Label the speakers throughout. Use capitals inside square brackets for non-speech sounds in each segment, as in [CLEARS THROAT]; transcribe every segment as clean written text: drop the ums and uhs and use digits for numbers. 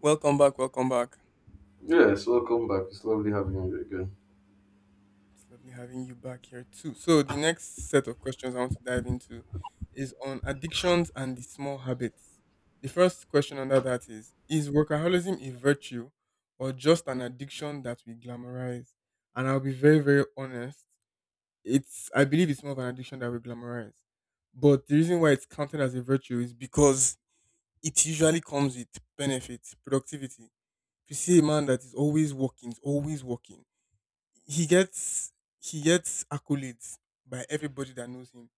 Speaker 1: Welcome back, welcome back.
Speaker 2: Yes, welcome back. It's lovely having you again.
Speaker 1: It's lovely having you back here too. So the next set of questions I want to dive into is on addictions and the small habits. The first question under that is workaholism a virtue or just an addiction that we glamorize? And I'll be very, very honest. It's I believe it's more of an addiction that we glamorize. But the reason why it's counted as a virtue is because it usually comes with benefits, productivity. If you see a man that is always working, is always working, he gets he gets accolades by everybody that knows him.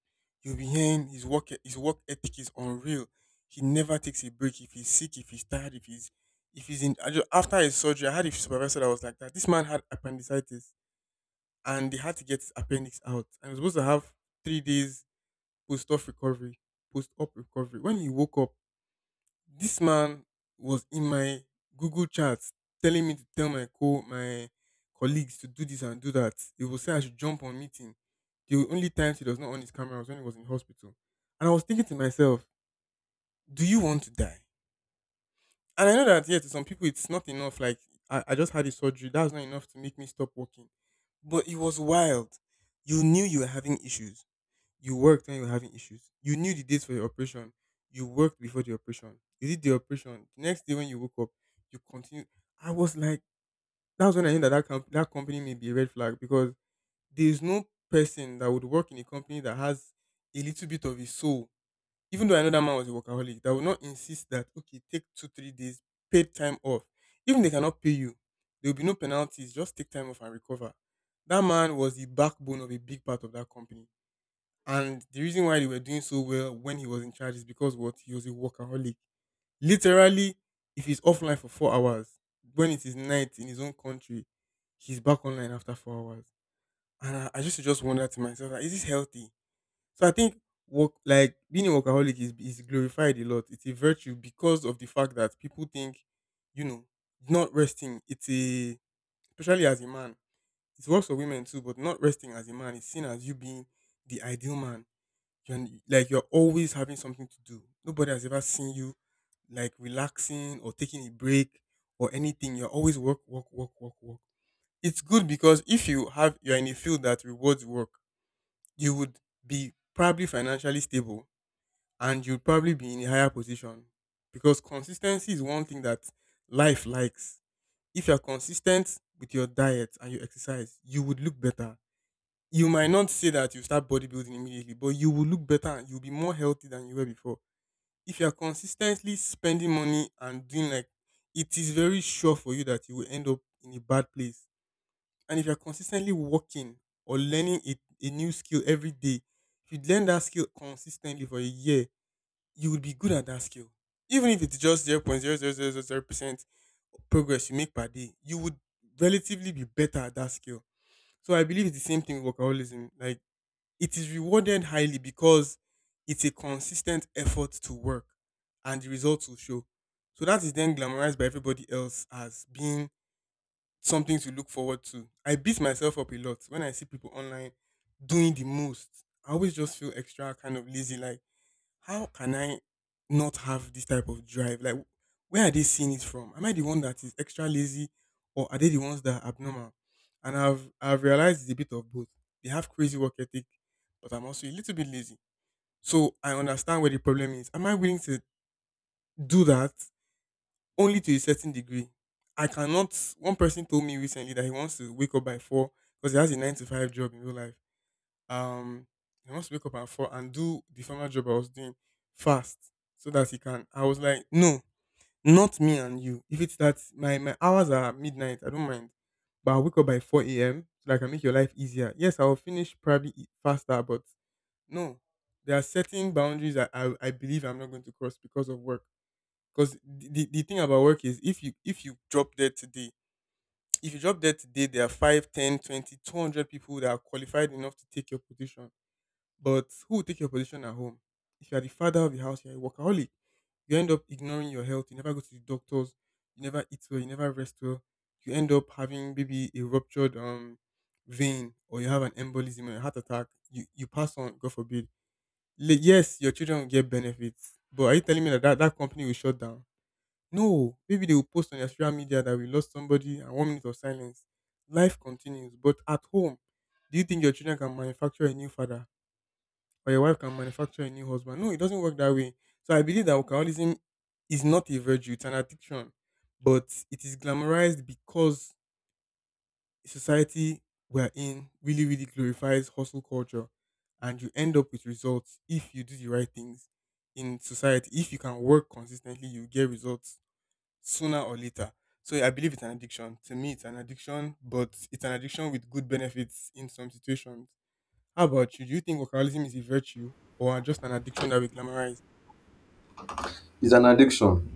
Speaker 1: You'll be hearing his his work ethic is unreal. He never takes a break. If he's sick, if he's tired, if he's in after his surgery, I had a supervisor that was like that. This man had appendicitis and they had to get his appendix out. And he was supposed to have 3 days post-op recovery. Post-op recovery. When he woke up, this man was in my Google chat telling me to tell my colleagues to do this and do that. He will say I should jump on meeting. The only time he does not on his camera was when he was in hospital. And I was thinking to myself, do you want to die? And I know that, yeah, to some people it's not enough. Like I just had a surgery. That's not enough to make me stop working. But it was wild. You knew you were having issues, you worked when you were having issues. You knew the dates for your operation. You worked before the operation. You did the operation. The next day when you woke up, you continued. I was like, that was when I knew that that company may be a red flag because there is no person that would work in a company that has a little bit of his soul. Even though I know that man was a workaholic, that would not insist that, okay, take 2 3 days paid time off. Even they cannot pay you, there will be no penalties. Just take time off and recover. That man was the backbone of a big part of that company, and the reason why they were doing so well when he was in charge is because what he was a workaholic. Literally, if he's offline for 4 hours, when it is night in his own country, he's back online after 4 hours. And I just wonder to myself, like, is this healthy? So I think work like being a workaholic is glorified a lot. It's a virtue because of the fact that people think, you know, not resting. It's a, especially as a man. It works for women too, but not resting as a man is seen as you being the ideal man. You're always having something to do. Nobody has ever seen you like relaxing or taking a break or anything. You're always work, work, work, work, work. It's good because if you have you're in a field that rewards work, you would be probably financially stable, and you'd probably be in a higher position. Because consistency is one thing that life likes. If you're consistent with your diet and your exercise, you would look better. You might not say that you start bodybuilding immediately, but you will look better and you'll be more healthy than you were before. If you're consistently spending money and doing like, it is very sure for you that you will end up in a bad place. And if you're consistently working or learning a new skill every day, if you learn that skill consistently for a year, you will be good at that skill. Even if it's just 0.00000% progress you make per day, you would relatively be better at that skill. So I believe it's the same thing with workaholism. Like, it is rewarded highly because it's a consistent effort to work, and the results will show. So that is then glamorized by everybody else as being something to look forward to. I beat myself up a lot when I see people online doing the most. I always just feel extra kind of lazy. Like, how can I not have this type of drive? Like, where are they seeing it from? Am I the one that is extra lazy, or are they the ones that are abnormal? And I've realized it's a bit of both. They have crazy work ethic, but I'm also a little bit lazy. So I understand where the problem is. Am I willing to do that only to a certain degree? I cannot. One person told me recently that he wants to wake up by four because he has a nine to five job in real life. Um, I wants to wake up at four and do the former job I was doing fast so that he can. I was like, no, not me and you. If it's that my hours are midnight, I don't mind, but I'll wake up by four a.m. so that I can make your life easier. Yes, I will finish probably faster, but no, there are certain boundaries that I believe I'm not going to cross because of work. Because the thing about work is if you, if you drop dead today, if you drop dead today, there are 5, 10, 20, 200 people that are qualified enough to take your position. But who will take your position at home? If you are the father of the house, you're a workaholic. You end up ignoring your health. You never go to the doctors. You never eat well. You never rest well. You end up having maybe a ruptured vein, or you have an embolism or a heart attack. You pass on. God forbid. Yes, your children will get benefits, but are you telling me that that company will shut down? No. Maybe they will post on their social media that we lost somebody, and 1 minute of silence. Life continues, but at home, do you think your children can manufacture a new father, or your wife can manufacture a new husband? No, it doesn't work that way. So I believe that alcoholism is not a virtue, it's an addiction. But it is glamorized because society we're in really, really glorifies hustle culture. And you end up with results if you do the right things in society. If you can work consistently, you get results sooner or later. So I believe it's an addiction. To me, it's an addiction, but it's an addiction with good benefits in some situations. How about you? Do you think workaholism is a virtue or just an addiction that we glamorize?
Speaker 2: It's an addiction.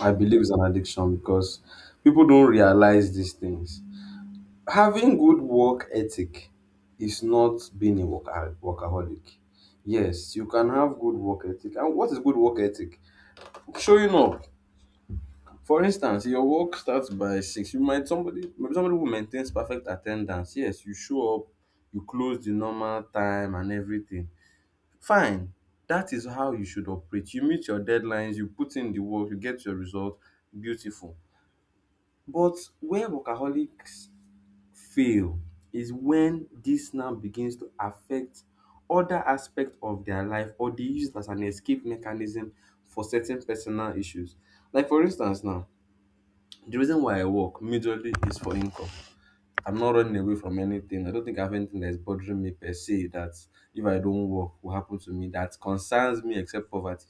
Speaker 2: I believe it's an addiction because people don't realize these things. Having good work ethic is not being a workaholic. Yes, you can have good work ethic. And what is good work ethic? Showing up. For instance, your work starts by six. You might somebody maybe somebody who maintains perfect attendance. Yes, you show up, you close the normal time and everything. Fine, that is how you should operate. You meet your deadlines, you put in the work, you get your result, beautiful. But where workaholics fail is when this now begins to affect other aspects of their life, or they use it as an escape mechanism for certain personal issues. Like for instance now, the reason why I work majorly is for income. I'm not running away from anything. I don't think I have anything that's bothering me per se that if I don't work will happen to me that concerns me except poverty,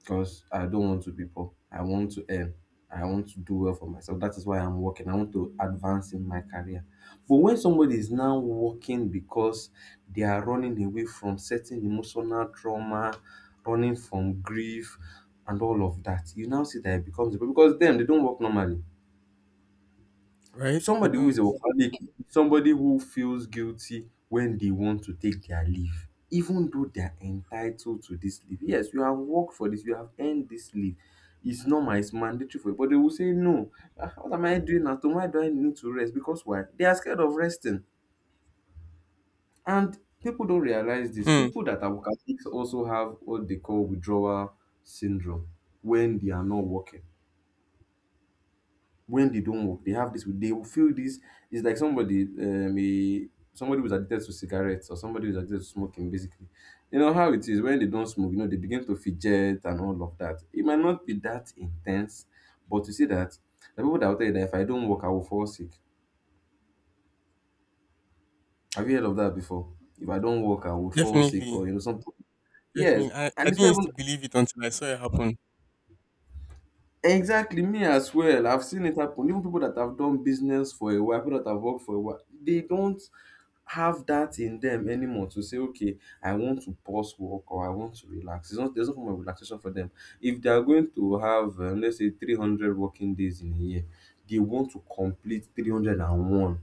Speaker 2: because I don't want to be poor. I want to earn. I want to do well for myself. That is why I'm working. I want to advance in my career. But when somebody is now working because they are running away from certain emotional trauma, running from grief, and all of that, you now see that it becomes because them they don't work normally.
Speaker 1: Right? They
Speaker 2: Somebody who is a
Speaker 1: don't.
Speaker 2: workaholic is somebody who feels guilty when they want to take their leave, even though they are entitled to this leave. Yes, you have worked for this, you have earned this leave. It's normal, it's mandatory for you. But they will say, "No, ah, what am I doing now? Why do I need to rest?" Because why? They are scared of resting. And people don't realize this.
Speaker 1: Hmm.
Speaker 2: People that are workaholics also have what they call withdrawal syndrome when they are not working. When they don't work, they have this, they will feel this. It's like somebody, somebody who's addicted to cigarettes or somebody who's addicted to smoking, basically. You know how it is when they don't smoke, you know, they begin to fidget and all of that. It might not be that intense, but you see that the people that will tell you that if I don't work, I will fall sick. Have you heard of that before? If I don't work, I will fall sick
Speaker 1: Definitely.
Speaker 2: or, you know, something. Yes.
Speaker 1: Definitely. I
Speaker 2: And it's
Speaker 1: didn't
Speaker 2: not
Speaker 1: used
Speaker 2: even
Speaker 1: to believe it until I saw it happen.
Speaker 2: exactly me as well. I've seen it happen. Even people that have done business for a while, people that have worked for a while, they don't have that in them anymore to say, okay, I want to pause work or I want to relax. It's not, there's no form of relaxation for them. If they are going to have, let's say, 300 working days in a year, they want to complete 301. And one,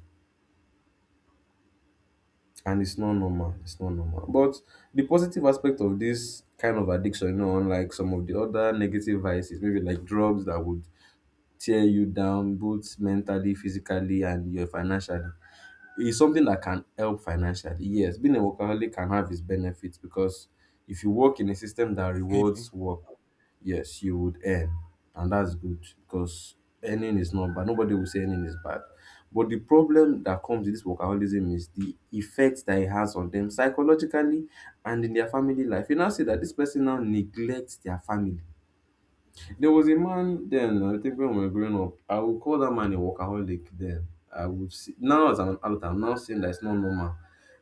Speaker 2: and it's not normal. It's not normal. But the positive aspect of this kind of addiction, you know, unlike some of the other negative vices, maybe like drugs that would tear you down both mentally, physically, and your financially. It's something that can help financially. Yes, being a workaholic can have its benefits because if you work in a system that
Speaker 1: Definitely.
Speaker 2: rewards work, yes, you would earn. And that's good because earning is not bad. Nobody will say earning is bad. But the problem that comes with this workaholism is the effect that it has on them psychologically and in their family life. You now see that this person now neglects their family. There was a man then, I think when we were growing up, I would call that man a workaholic then. I would see, now as an adult, I'm now saying that it's not normal.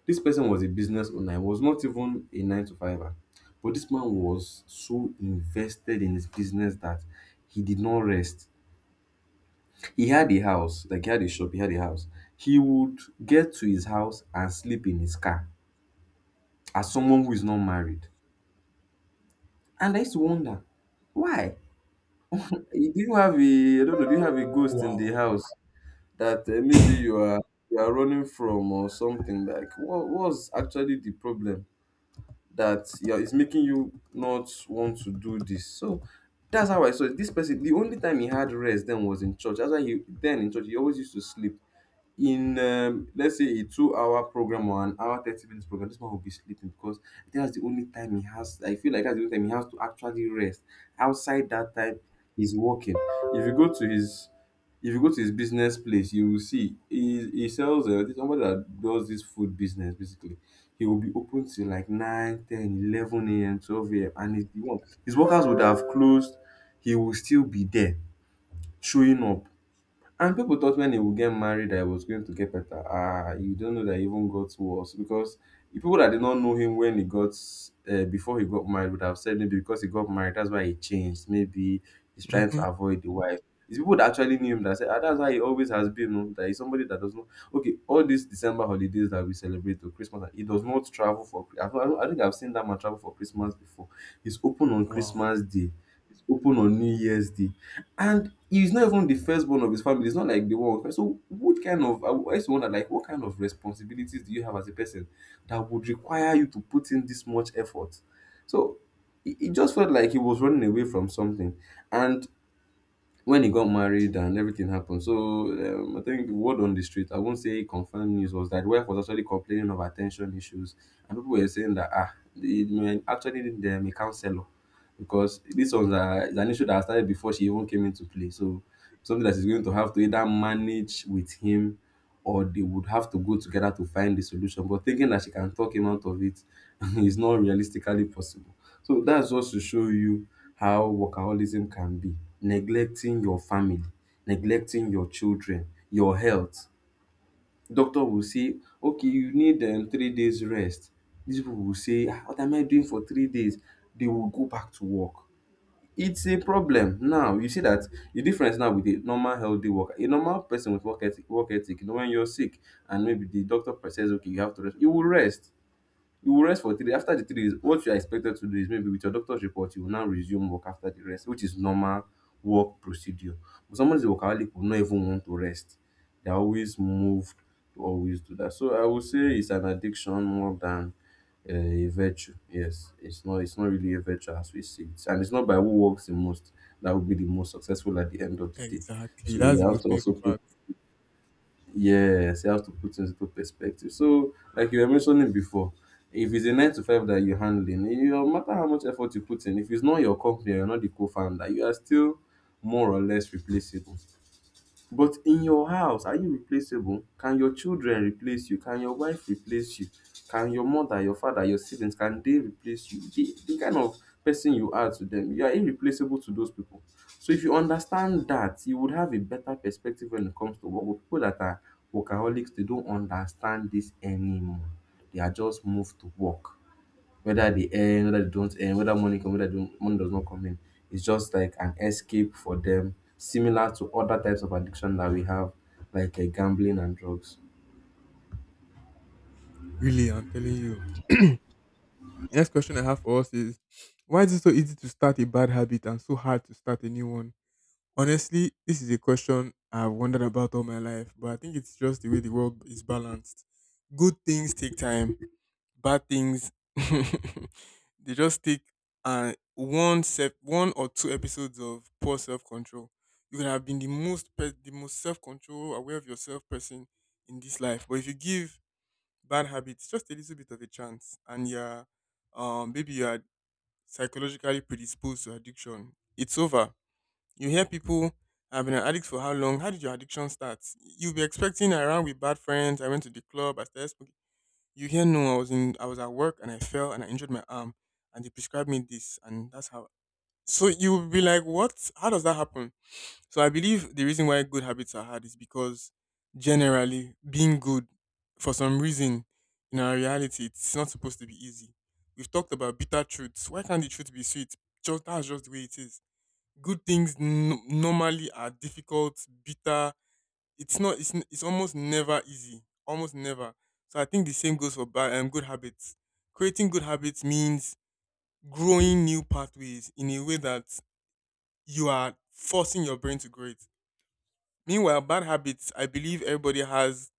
Speaker 2: This person was a business owner, he was not even a nine to fiver. But this man was so invested in his business that he did not rest. He had a house, like he had a shop, he had a house. He would get to his house and sleep in his car as someone who is not married. And I used to wonder, why? Do you have a, I don't know, do you have a ghost in the
Speaker 1: Wow.
Speaker 2: house? That maybe you are running from, or something? Like, what was actually the problem that, yeah, is making you not want to do this? So that's how I saw it. This person, the only time he had rest then was in church. That's why he then in church, he always used to sleep in, let's say, a 2 hour program or an hour 30 minutes program, this man will be sleeping because that's the only time he has. I feel like that's the only time he has to actually rest. Outside that time, he's working. If you go to his, if you go to his business place, you will see he sells, this- somebody that does this food business basically. He will be open till like 9, 10, 11 a.m., 12 a.m, and he's the one. His workers would have closed, he will still be there, showing up. And people thought when they would get married that it was going to get better. Ah, you don't know that it even got worse, because the people that did not know him when he got, before he got married, would have said maybe because he got married, that's why he changed. Maybe he's trying to
Speaker 1: Hmm.
Speaker 2: avoid the wife. It's people that actually knew him that said, ah, that's how he always has been. No? That he's somebody that does not. Okay, all these December holidays that we celebrate to Christmas, he does not travel for. I think I've seen that man travel for Christmas before. He's open on
Speaker 1: Wow.
Speaker 2: Christmas Day. It's open on New Year's Day, and he's not even the firstborn of his family. It's not like the one. So, what kind of, I always wonder, like, what kind of responsibilities do you have as a person that would require you to put in this much effort? So, it just felt like he was running away from something, and when he got married and everything happened. So, I think word on the street, I won't say confirmed news, was that wife was actually complaining of attention issues, and people were saying that ah, they may actually need them a counselor because this was a, is an issue that started before she even came into play. So, something that she's going to have to either manage with him, or they would have to go together to find the solution. But thinking that she can talk him out of it [LAUGHS] is not realistically possible. So that's just to show you how workaholism can be. Neglecting your family, neglecting your children, your health. Doctor will say, okay, you need 3 days rest. These people will say, "Ah, what am I doing for 3 days?" They will go back to work. It's a problem now. You see that the difference now with a normal healthy worker, a normal person with work ethic, you know, when you're sick and maybe the doctor says, okay, you have to rest, you will rest. You will rest for 3 days. After the 3 days, what you are expected to do is maybe with your doctor's report, you will now resume work after the rest, which is normal work procedure. But somebody who's a workaholic will not even want to rest. They're always moved to always do that. So I would say it's an addiction more than a virtue. Yes, it's not really a virtue as we see it. And it's not by who works the most that will be the most successful at the end of the day.
Speaker 1: Exactly.
Speaker 2: So
Speaker 1: That's
Speaker 2: we
Speaker 1: the
Speaker 2: have
Speaker 1: most
Speaker 2: to also
Speaker 1: painful
Speaker 2: put,
Speaker 1: part.
Speaker 2: yes, you have to put things into perspective. So, like you were mentioning before, if it's a nine to five that you're handling, it- no matter how much effort you put in, if it's not your company, you're not the co-founder, you are still more or less replaceable. But in your house, are you replaceable? Can your children replace you? Can your wife replace you? Can your mother, your father, your siblings, can they replace you? The kind of person you are to them, you are irreplaceable to those people. So if you understand that, you would have a better perspective when it comes to work. But people that are workaholics, they don't understand this anymore. They are just moved to work whether they earn, whether they don't earn, whether money come, whether don't, money does not come in. It's just like an escape for them, similar to other types of addiction that we have, like gambling and drugs.
Speaker 1: Really, I'm telling you. [CLEARS THROAT] Next question I have for us is, why is it so easy to start a bad habit and so hard to start a new one? Honestly, this is a question I've wondered about all my life, but I think it's just the way the world is balanced. Good things take time, bad things [LAUGHS] they just take one or two episodes of poor self-control. You can have been the most the most self-control aware of yourself person in this life, but if you give bad habits just a little bit of a chance, and you're maybe you are psychologically predisposed to addiction, it's over. You hear people, I've been an addict for how long. How did your addiction start? You'll be expecting around with bad friends, I went to the club, I started smoking. You hear, no, I was in, I was at work and I fell and I injured my arm and they prescribed me this, and that's how. So you would be like, what? How does that happen? So I believe the reason why good habits are hard is because generally being good, for some reason, in our reality it's not supposed to be easy. We've talked about bitter truths. Why can't the truth be sweet? Just, that's just the way it is. Good things normally are difficult, bitter, it's not. It's almost never easy. Almost never. So I think the same goes for bad good habits. Creating good habits means growing new pathways in a way that you are forcing your brain to grow it. Meanwhile, bad habits. I believe everybody has.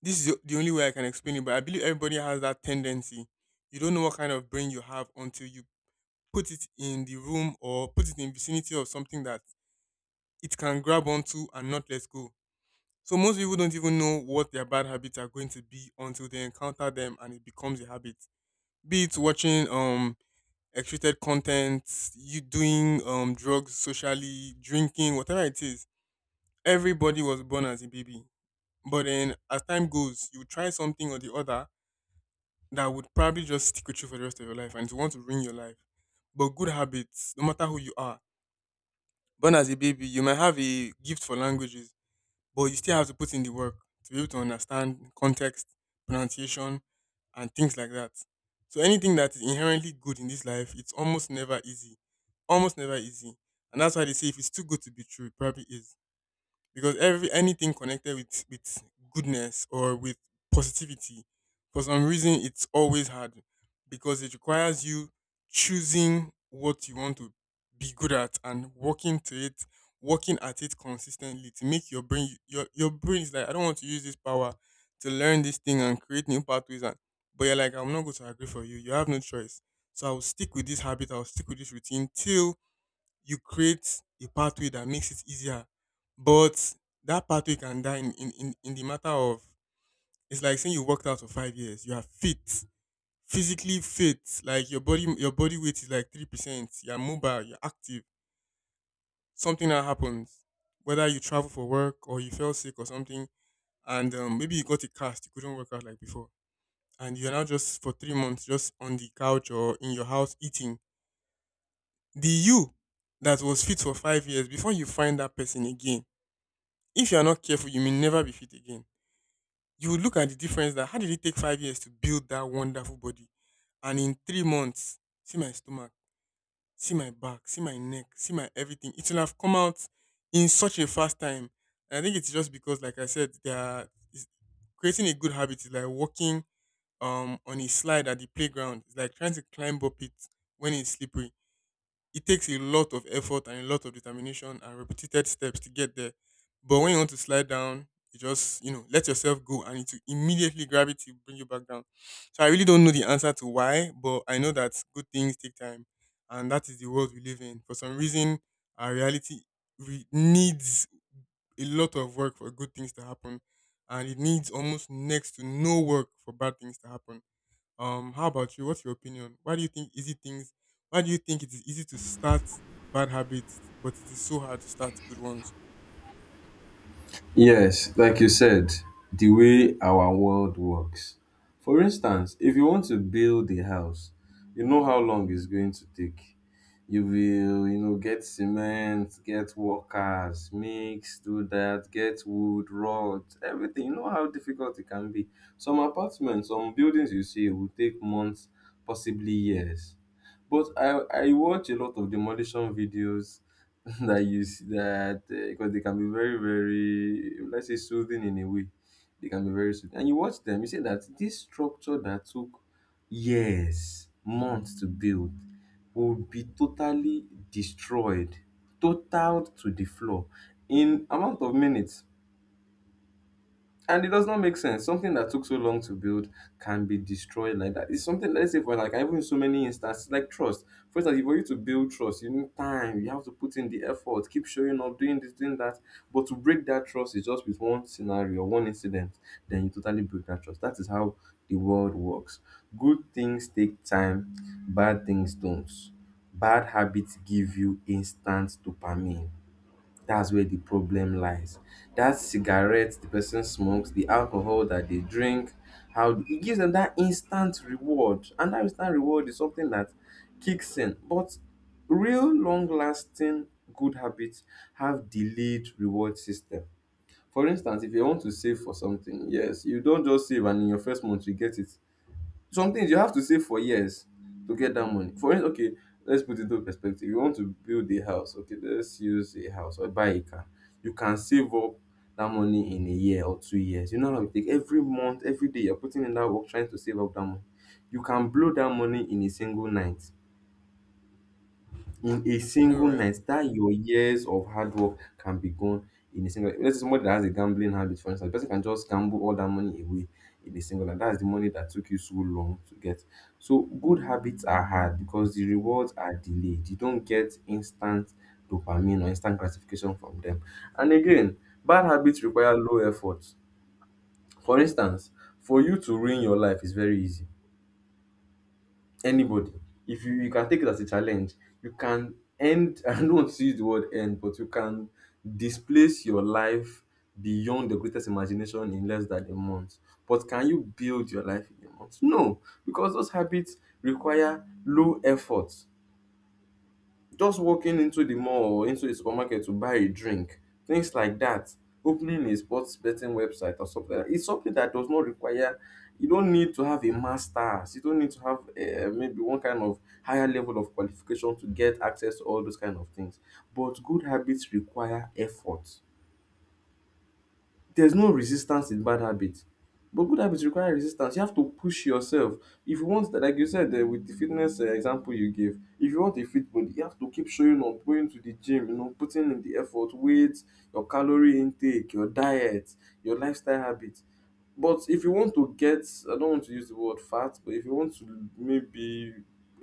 Speaker 1: This is the only way I can explain it, but I believe everybody has that tendency. You don't know what kind of brain you have until you put it in the room or put it in vicinity of something that it can grab onto and not let go. So most people don't even know what their bad habits are going to be until they encounter them and it becomes a habit. Be it watching excreted content, you doing drugs socially, drinking, whatever it is. Everybody was born as a baby. But then as time goes, you try something or the other that would probably just stick with you for the rest of your life and to want to ruin your life. But good habits, no matter who you are, born as a baby, you might have a gift for languages but you still have to put in the work to be able to understand context, pronunciation, and things like that. So anything that is inherently good in this life, it's almost never easy. Almost never easy. And that's why they say if it's too good to be true, it probably is because every anything connected with goodness or with positivity, for some reason it's always hard because it requires you choosing what you want to be good at and working to it, working at it consistently to make your brain, your brain is like, I don't want to use this power to learn this thing and create new pathways. And but you're like, I'm not going to agree for you, you have no choice. So I'll stick with this habit, I'll stick with this routine till you create a pathway that makes it easier. But that pathway can die in, in the matter of, it's like saying you worked out for 5 years, you are fit, physically fit, like your body, your body weight is like 3%, you're mobile, you're active. Something that happens, whether you travel for work or you fell sick or something, and maybe you got a cast, you couldn't work out like before, and you're now just for 3 months just on the couch or in your house eating. The you that was fit for 5 years before, you find that person again. If you are not careful, you may never be fit again. You would look at the difference, that how did it take 5 years to build that wonderful body? And in 3 months, see my stomach, see my back, see my neck, see my everything. It will have come out in such a fast time. And I think it's just because, like I said, they are, is- creating a good habit is like walking on a slide at the playground. It's like trying to climb up it when it's slippery, it takes a lot of effort and a lot of determination and repeated steps to get there. But when you want to slide down, you just, you know, let yourself go, and it will immediately, gravity bring you back down. So I really don't know the answer to why, but I know that good things take time, and that is the world we live in. For some reason, our reality needs a lot of work for good things to happen, and it needs almost next to no work for bad things to happen. How about you? What's your opinion? Why do you think easy things? Why do you think it is easy to start bad habits, but it is so hard to start good ones?
Speaker 2: Yes, like you said, the way our world works. For instance, if you want to build a house, you know how long it's going to take. You will get cement, get workers, mix, do that, get wood, rod, everything. You know how difficult it can be. Some apartments, some buildings you see will take months, possibly years. But I watch a lot of demolition videos [LAUGHS] that because they can be very very, let's say, soothing in a way, they can be very soothing, and you watch them, you say that this structure that took years, months to build will be totally destroyed, totaled to the floor, in amount of minutes, and it does not make sense. Something that took so long to build can be destroyed like that. It's something, let's say, for like even in so many instances, like trust. For instance, for you to build trust, you need time, you have to put in the effort, keep showing up, doing this, doing that. But to break that trust is just with one scenario, one incident, then you totally break that trust. That is how the world works. Good things take time, bad things don't. Bad habits give you instant dopamine, that's where the problem lies. That cigarette the person smokes, the alcohol that they drink, how it gives them that instant reward. And that instant reward is something that kicks in. But real long lasting good habits have delayed reward system. For instance, if you want to save for something, yes, you don't just save and in your first month you get it, some things you have to save for years to get that money. For instance, okay, let's put it into perspective. You want to build a house, okay, let's use a house or buy a car. You can save up that money in a year or 2 years. You know how it take every month, every day you're putting in that work trying to save up that money. You can blow that money in a single night. In a
Speaker 1: You know,
Speaker 2: single
Speaker 1: right?
Speaker 2: night, that your years of hard work can be gone in a single. Let's say somebody that has a gambling habit, for instance, the person can just gamble all that money away in a single night. That's the money that took you so long to get. So good habits are hard because the rewards are delayed. You don't get instant dopamine or instant gratification from them. And again, bad habits require low effort. For instance, for you to ruin your life is very easy, anybody. If you, you can take it as a challenge, you can end, [LAUGHS] I don't want to use the word end, but you can displace your life beyond the greatest imagination in less than a month. But can you build your life in a month? No, because those habits require low effort. Just walking into the mall or into the supermarket to buy a drink, things like that, opening a sports betting website or something like that, it's something that does not require, you don't need to have a master's, you don't need to have maybe one kind of higher level of qualification to get access to all those kind of things. But good habits require effort. There's no resistance in bad habits. But good habits require resistance. You have to push yourself. If you want, that, like you said, with the fitness example you gave, if you want a fit body, you have to keep showing up, going to the gym, you know, putting in the effort, weight, your calorie intake, your diet, your lifestyle habits. But if you want to get, I don't want to use the word fat, but if you want to maybe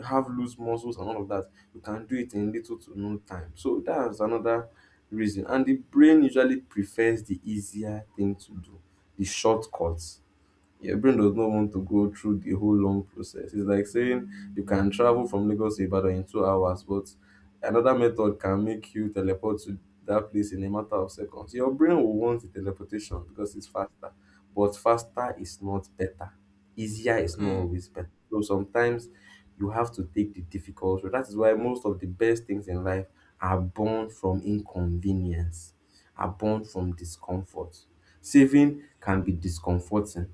Speaker 2: have loose muscles and all of that, you can do it in little to no time. So that's another reason. And the brain usually prefers the easier thing to do, the shortcut, your brain does not want to go through the whole long process. It's like saying you can travel from Lagos to Ibadan in 2 hours, but another method can make you teleport to that place in a matter of seconds. Your brain will want the teleportation because it's faster, but faster is not better. Easier is not
Speaker 1: Hmm.
Speaker 2: always better. So sometimes you have to take the difficult route. That is why most of the best things in life are born from inconvenience, are born from discomfort. Saving can be discomforting,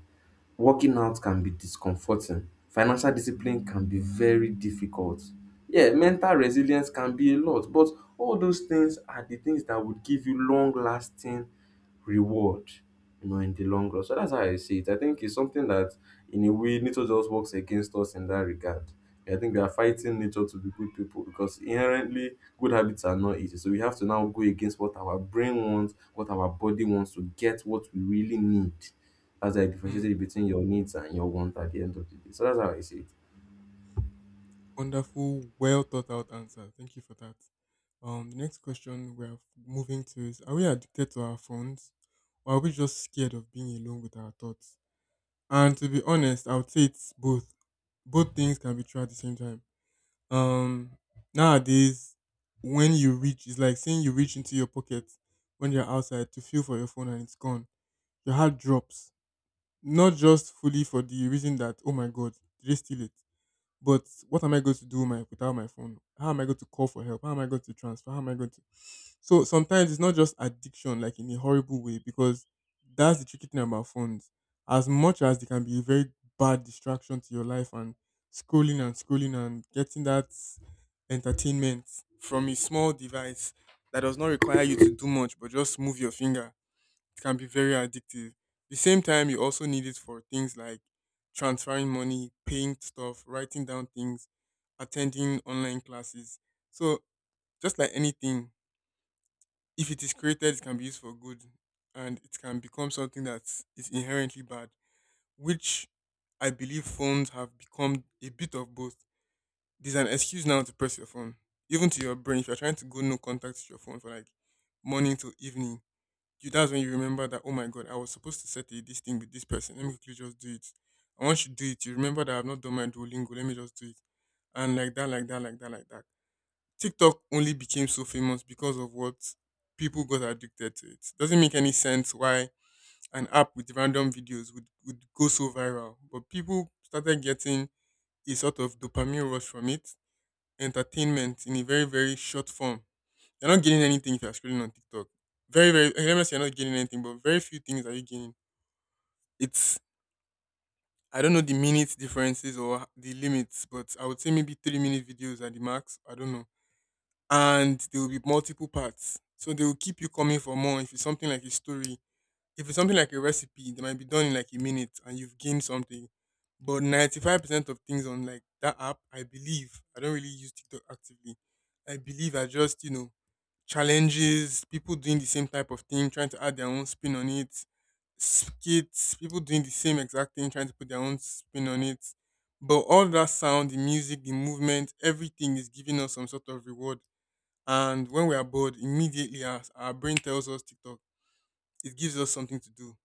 Speaker 2: working out can be discomforting, financial discipline can be very difficult, yeah, mental resilience can be a lot, but all those things are the things that would give you long lasting reward, you know, in the long run. So that's how I see it. I think it's something that in a way nature just works against us in that regard. I think we are fighting nature to be good people because inherently good habits are not easy, so we have to now go against what our brain wants, what our body wants, to get what we really need. That's how
Speaker 1: Hmm.
Speaker 2: you between your needs and your want at the end of the day. So that's how I see it.
Speaker 1: Wonderful, well thought out answer. Thank you for that. The next question we are moving to is: are we addicted to our phones, or are we just scared of being alone with our thoughts? And to be honest, I would say it's both. Both things can be true at the same time. Um, Nowadays, when you reach, it's like saying you reach into your pocket when you're outside to feel for your phone and it's gone. Your heart drops. Not just fully for the reason that, oh my God, did they steal it? But what am I going to do my, without my phone? How am I going to call for help? How am I going to transfer? How am I going to? So sometimes it's not just addiction, like in a horrible way, because that's the tricky thing about phones. As much as they can be a very bad distraction to your life, and scrolling and scrolling and getting that entertainment from a small device that does not require you to do much but just move your finger, it can be very addictive. The same time, you also need it for things like transferring money, paying stuff, writing down things, attending online classes. So, just like anything, if it is created, it can be used for good, and it can become something that is inherently bad, which I believe phones have become a bit of both. There's an excuse now to press your phone, even to your brain. If you're trying to go no contact with your phone for like morning to evening, you, that's when you remember that oh my God, I was supposed to set a, this thing with this person. Let me quickly just do it. And once you do it, you remember that I've not done my Duolingo. Let me just do it. And like that, like that, like that, like that. TikTok only became so famous because of what? People got addicted to it. Doesn't make any sense why an app with random videos would go so viral. But people started getting a sort of dopamine rush from it, entertainment in a very, very short form. You're not gaining anything if you're scrolling on TikTok. Very, very, okay, let me say you're not gaining anything, but very few things are you gaining. It's, I don't know the minute differences or the limits, but I would say maybe 3 minute videos are the max. I don't know. And there will be multiple parts. So they will keep you coming for more. If it's something like a story, if it's something like a recipe, they might be done in like a minute and you've gained something. But 95% of things on like that app, I believe, I don't really use TikTok actively. I believe, I just, you know, challenges, people doing the same type of thing, trying to add their own spin on it, skits, people doing the same exact thing, trying to put their own spin on it. But all that sound, the music, the movement, everything is giving us some sort of reward. And when we are bored, immediately our brain tells us TikTok. It gives us something to do.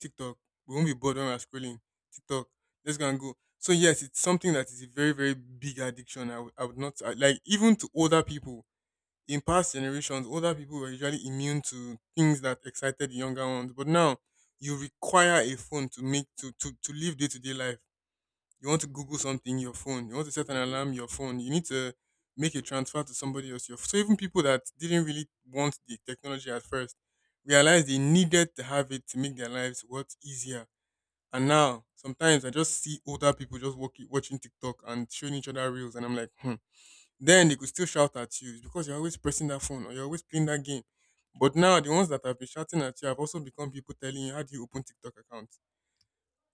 Speaker 1: TikTok. We won't be bored when we are scrolling. TikTok. Let's go and go. So yes, it's something that is a very, very big addiction. I would not I- Like even to older people in past generations, older people were usually immune to things that excited the younger ones. But now you require a phone to live day to day life. You want to Google something, your phone. You want to set an alarm, your phone. You need to make a transfer to somebody else. Your, so even people that didn't really want the technology at first realized they needed to have it to make their lives what, easier. And now sometimes I just see older people just walking, watching TikTok and showing each other reels, and I'm like, hmm, then they could still shout at you. It's because you're always pressing that phone or you're always playing that game. But now the ones that have been shouting at you have also become people telling you how do you open TikTok accounts.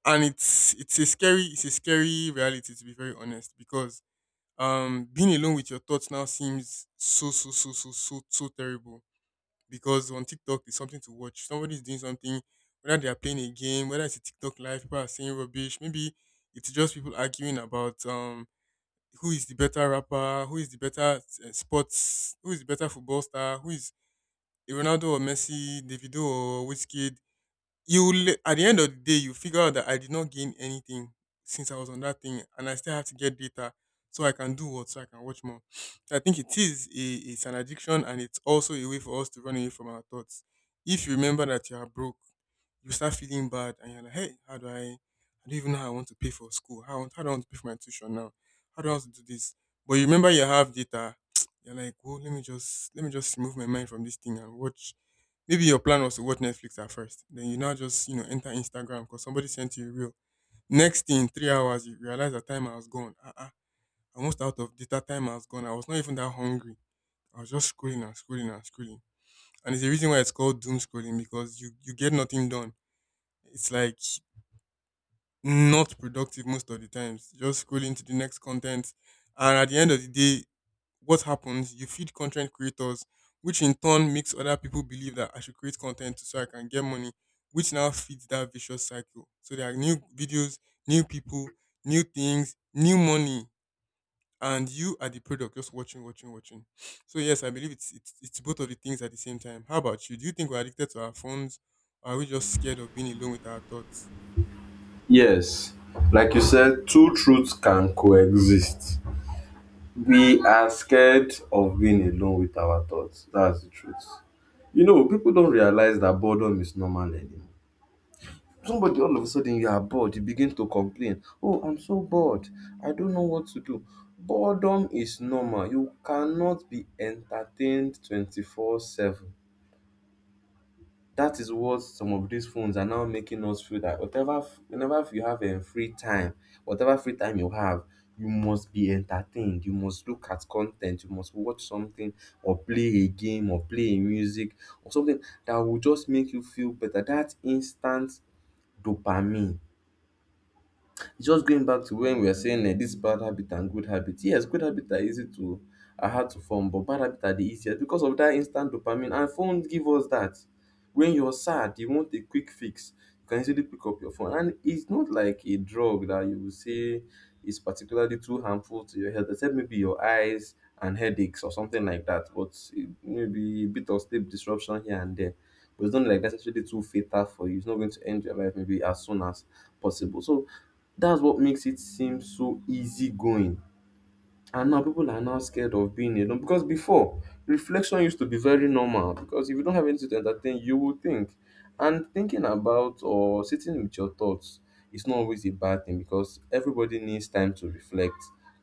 Speaker 1: And it's a scary reality, to be very honest, because being alone with your thoughts now seems so so so so so so terrible because on TikTok it's something to watch. Somebody's doing something, whether they are playing a game, whether it's a TikTok live, people are saying rubbish, maybe it's just people arguing about who is the better rapper, who is the better sports, who is the better football star, who is a Ronaldo or Messi, Davido or Whiskey. You will at the end of the day you figure out that I did not gain anything since I was on that thing, and I still have to get data so I can do what, so I can watch more. So I think it is a, it's an addiction, and it's also a way for us to run away from our thoughts. If you remember that you are broke, you start feeling bad and you're like, hey, how do I don't even know how I want to pay for school. How do I want to pay for my tuition now? How do I want to do this? But you remember you have data, [TSK] you're like, well, let me just remove my mind from this thing and watch. Maybe your plan was to watch Netflix at first, then you now just enter Instagram because somebody sent you a reel. Next thing, 3 hours, you realize the timer has gone. Almost out of data. Timer has gone. I was not even that hungry. I was just scrolling. And it's the reason why it's called doom scrolling because you get nothing done. It's like not productive most of the times. Just scrolling to the next content, and at the end of the day, what happens? You feed content creators, which in turn makes other people believe that I should create content so I can get money, which now feeds that vicious cycle. So there are new videos, new people, new things, new money, and you are the product just watching. So yes, I believe it's both of the things at the same time. How about you? Do you think we're addicted to our phones? Or are we just scared of being alone with our thoughts?
Speaker 2: Yes, like you said, two truths can coexist. We are scared of being alone with our thoughts. That's the truth. You know, people don't realize that boredom is normal anymore. Somebody all of a sudden you are bored, you begin to complain. Oh, I'm so bored. I don't know what to do. Boredom is normal. You cannot be entertained 24/7. That is what some of these phones are now making us feel, that whenever you have free time, whatever free time you have, you must be entertained, you must look at content, you must watch something, or play a game, or play a music, or something that will just make you feel better, that instant dopamine. Just going back to when we were saying this bad habit and good habit. Yes, good habit are easy to are hard to form, but bad habit are the easiest because of that instant dopamine. And phones give us that. When you're sad, you want a quick fix. You can easily pick up your phone, and it's not like a drug that you will say is particularly too harmful to your health, except maybe your eyes and headaches or something like that. But it- maybe a bit of sleep disruption here and there. But it's not like that's actually too fatal for you. It's not going to end your life maybe as soon as possible. So that's what makes it seem so easygoing. And now people are now scared of being alone because before reflection used to be very normal because if you don't have anything to entertain, you will think. And thinking about or sitting with your thoughts is not always a bad thing because everybody needs time to reflect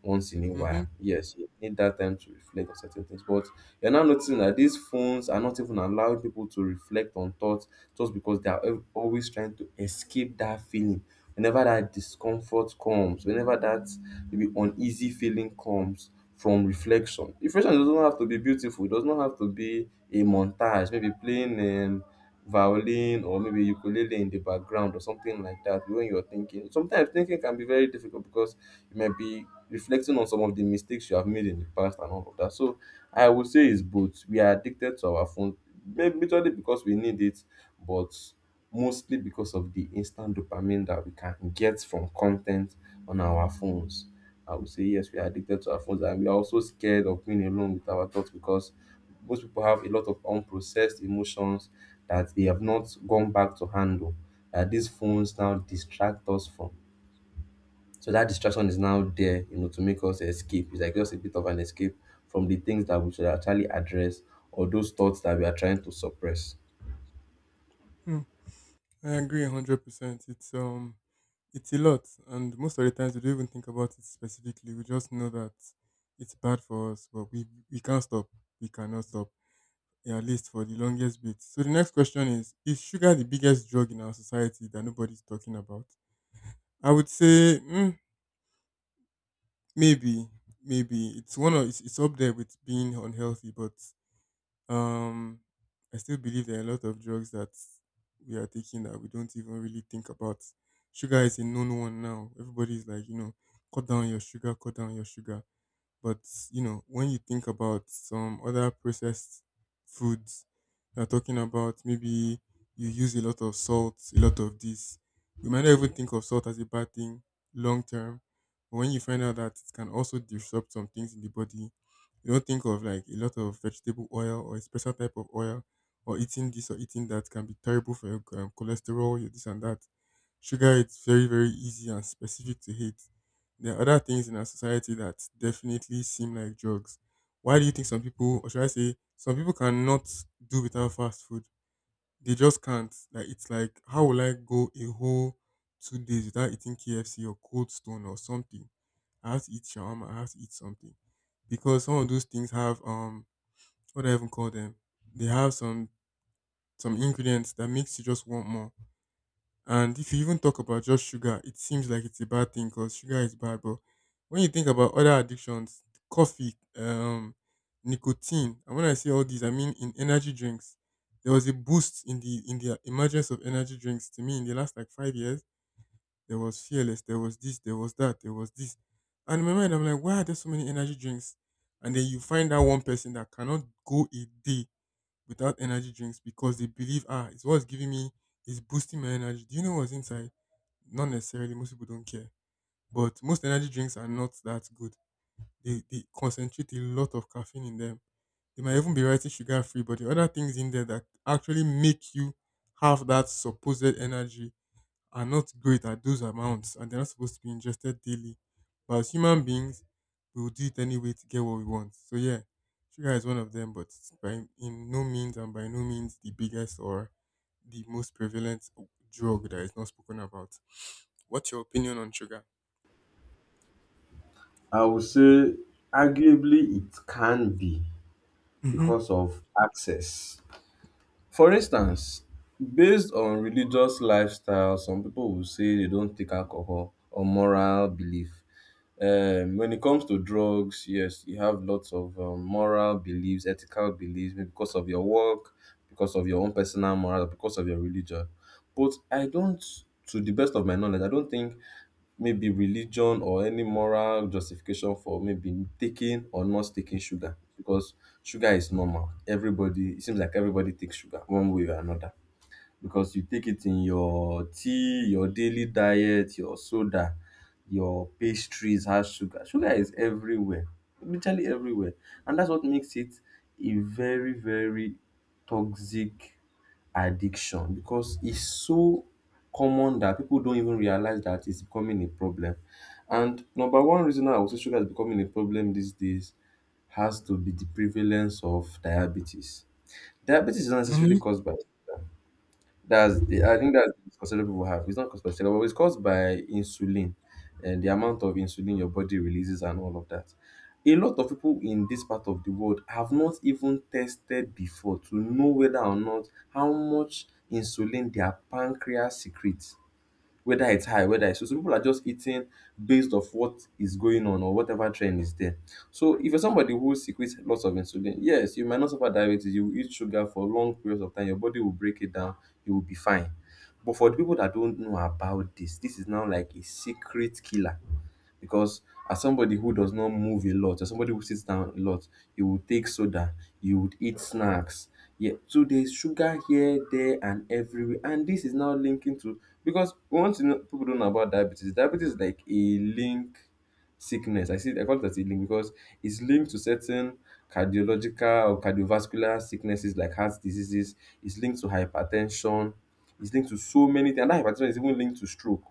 Speaker 2: once in a
Speaker 1: Mm-hmm.
Speaker 2: while. Yes, you need that time to reflect on certain things. But you're now noticing that these phones are not even allowing people to reflect on thoughts just because they are always trying to escape that feeling. Whenever that discomfort comes, whenever that maybe uneasy feeling comes from reflection. Reflection doesn't have to be beautiful. It does not have to be a montage. Maybe playing violin or maybe ukulele in the background or something like that when you're thinking. Sometimes thinking can be very difficult because you might be reflecting on some of the mistakes you have made in the past and all of that. So I would say it's both. We are addicted to our phone, maybe majorly because we need it, but mostly because of the instant dopamine that we can get from content on our phones. I would say yes, we are addicted to our phones and we are also scared of being alone with our thoughts because most people have a lot of unprocessed emotions that they have not gone back to handle that these phones now distract us from. So that distraction is now there, you know, to make us escape. It's like just a bit of an escape from the things that we should actually address or those thoughts that we are trying to suppress.
Speaker 1: Hmm. I agree 100%. It's a lot and most of the times we don't even think about it specifically. We just know that it's bad for us, but we can't stop. We cannot stop. Yeah, at least for the longest bit. So the next question is sugar the biggest drug in our society that nobody's talking about? I would say maybe. Maybe it's one of it's up there with being unhealthy, but Um, I still believe there are a lot of drugs that we are taking that we don't even really think about. Sugar is a known one now. Everybody's like, you know, cut down your sugar, cut down your sugar. But you know, when you think about some other processed foods, you're talking about maybe you use a lot of salt, a lot of this. You might not even think of salt as a bad thing long term. But when you find out that it can also disrupt some things in the body, you don't think of like a lot of vegetable oil or a special type of oil or eating this or eating that can be terrible for your cholesterol, your this and that. Sugar, it's very, very easy and specific to hate. There are other things in our society that definitely seem like drugs. Why do you think some people, or should I say, some people cannot do without fast food? They just can't. Like it's like, how will I go a whole 2 days without eating KFC or Cold Stone or something? I have to eat shawarma. I have to eat something because some of those things have what do I even call them? They have some ingredients that makes you just want more. And if you even talk about just sugar, it seems like it's a bad thing because sugar is bad. But when you think about other addictions, coffee, nicotine, and when I say all these, I mean in energy drinks. There was a boost in the emergence of energy drinks to me in the last like 5 years. There was fearless, there was this, there was that, there was this. And in my mind, I'm like, why are there so many energy drinks? And then you find that one person that cannot go a day without energy drinks because they believe, ah, it's what's giving me, it's boosting my energy. Do you know what's inside? Not necessarily, most people don't care. But most energy drinks are not that good. They concentrate a lot of caffeine in them. They might even be writing sugar free, but the other things in there that actually make you have that supposed energy are not great at those amounts and they're not supposed to be ingested daily. But as human beings, we will do it anyway to get what we want. So yeah, sugar is one of them, but it's by no means the biggest or the most prevalent drug that is not spoken about. What's your opinion on sugar?
Speaker 2: I would say arguably it can be
Speaker 1: Hmm.
Speaker 2: because of access. For instance, based on religious lifestyle, some people will say they don't take alcohol or moral belief. When it comes to drugs, yes, you have lots of moral beliefs, ethical beliefs, maybe because of your work, because of your own personal moral, because of your religion. But I don't, to the best of my knowledge, I don't think maybe religion or any moral justification for maybe taking or not taking sugar because sugar is normal. Everybody, it seems like everybody takes sugar one way or another because you take it in your tea, your daily diet, your soda, your pastries has sugar. Sugar is everywhere, literally everywhere. And that's what makes it a very, very toxic addiction because it's so common that people don't even realize that it's becoming a problem. And number one reason why I would say sugar is becoming a problem these days has to be the prevalence of diabetes. Diabetes is not necessarily
Speaker 1: Hmm.
Speaker 2: caused by that's the I think that's the considerable people have. It's not conspiracy, but it's caused by insulin and the amount of insulin your body releases and all of that. A lot of people in this part of the world have not even tested before to know whether or not how much insulin their pancreas secretes whether it's high, whether it's so. Some people are just eating based off what is going on or whatever trend is there. So if you're somebody who secretes lots of insulin, yes, you might not suffer diabetes. You will eat sugar for long periods of time. Your body will break it down. You will be fine. But for the people that don't know about this, this is now like a secret killer because as somebody who does not move a lot, as somebody who sits down a lot, you would take soda, you would eat snacks. Yeah, so there's sugar here, there, and everywhere. And this is now linking to because once you know people don't know about diabetes, diabetes is like a link sickness. I see I call it as a link because it's linked to certain cardiological or cardiovascular sicknesses like heart diseases, it's linked to hypertension, it's linked to so many things. And that hypertension is even linked to stroke.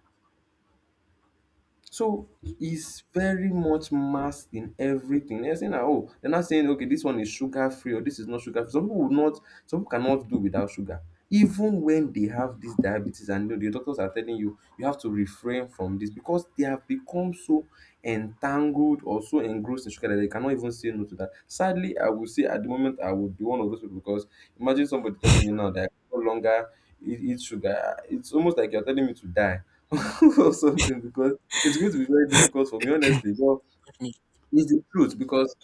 Speaker 2: So it's very much masked in everything. They're saying that oh, they're not saying okay, this one is sugar free or this is not sugar free. Some people will not, some people cannot do without sugar. Even when they have this diabetes and you know, the doctors are telling you you have to refrain from this because they have become so entangled or so engrossed in sugar that they cannot even say no to that. Sadly, I would say at the moment I would be one of those people because imagine somebody telling me now that I can no longer eat sugar. It's almost like you're telling me to die [LAUGHS] or something because it's going to be very difficult for me, honestly. Well,
Speaker 1: Definitely.
Speaker 2: it's the truth because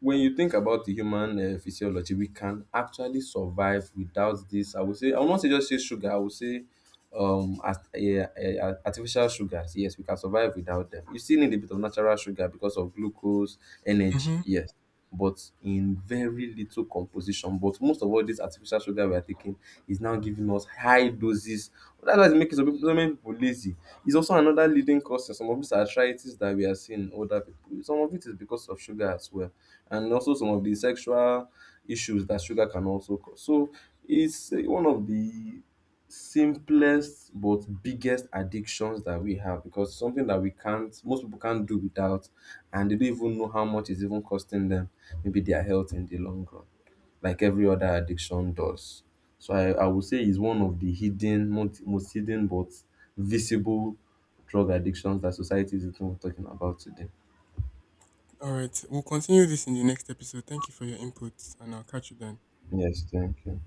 Speaker 2: when you think about the human physiology, we can actually survive without this. I would say, I will not say just say sugar. I would say, um, as, yeah, artificial sugars. Yes, we can survive without them. You still need a bit of natural sugar because of glucose, energy.
Speaker 1: Mm-hmm.
Speaker 2: Yes, but in very little composition. But most of all, this artificial sugar we are taking is now giving us high doses. That's why it's making some people, so many people lazy. It's also another leading cause of some of these arthritis that we are seeing in older people. Some of it is because of sugar as well and also some of the sexual issues that sugar can also cause. So it's one of the simplest but biggest addictions that we have because it's something that we can't most people can't do without and they don't even know how much it's even costing them maybe their health in the long run like every other addiction does. So I would say it's one of the hidden most, most hidden but visible drug addictions that society is even talking about today.
Speaker 1: All right. We'll continue this in the next episode. Thank you for your input, and I'll catch you then.
Speaker 2: Yes, thank you.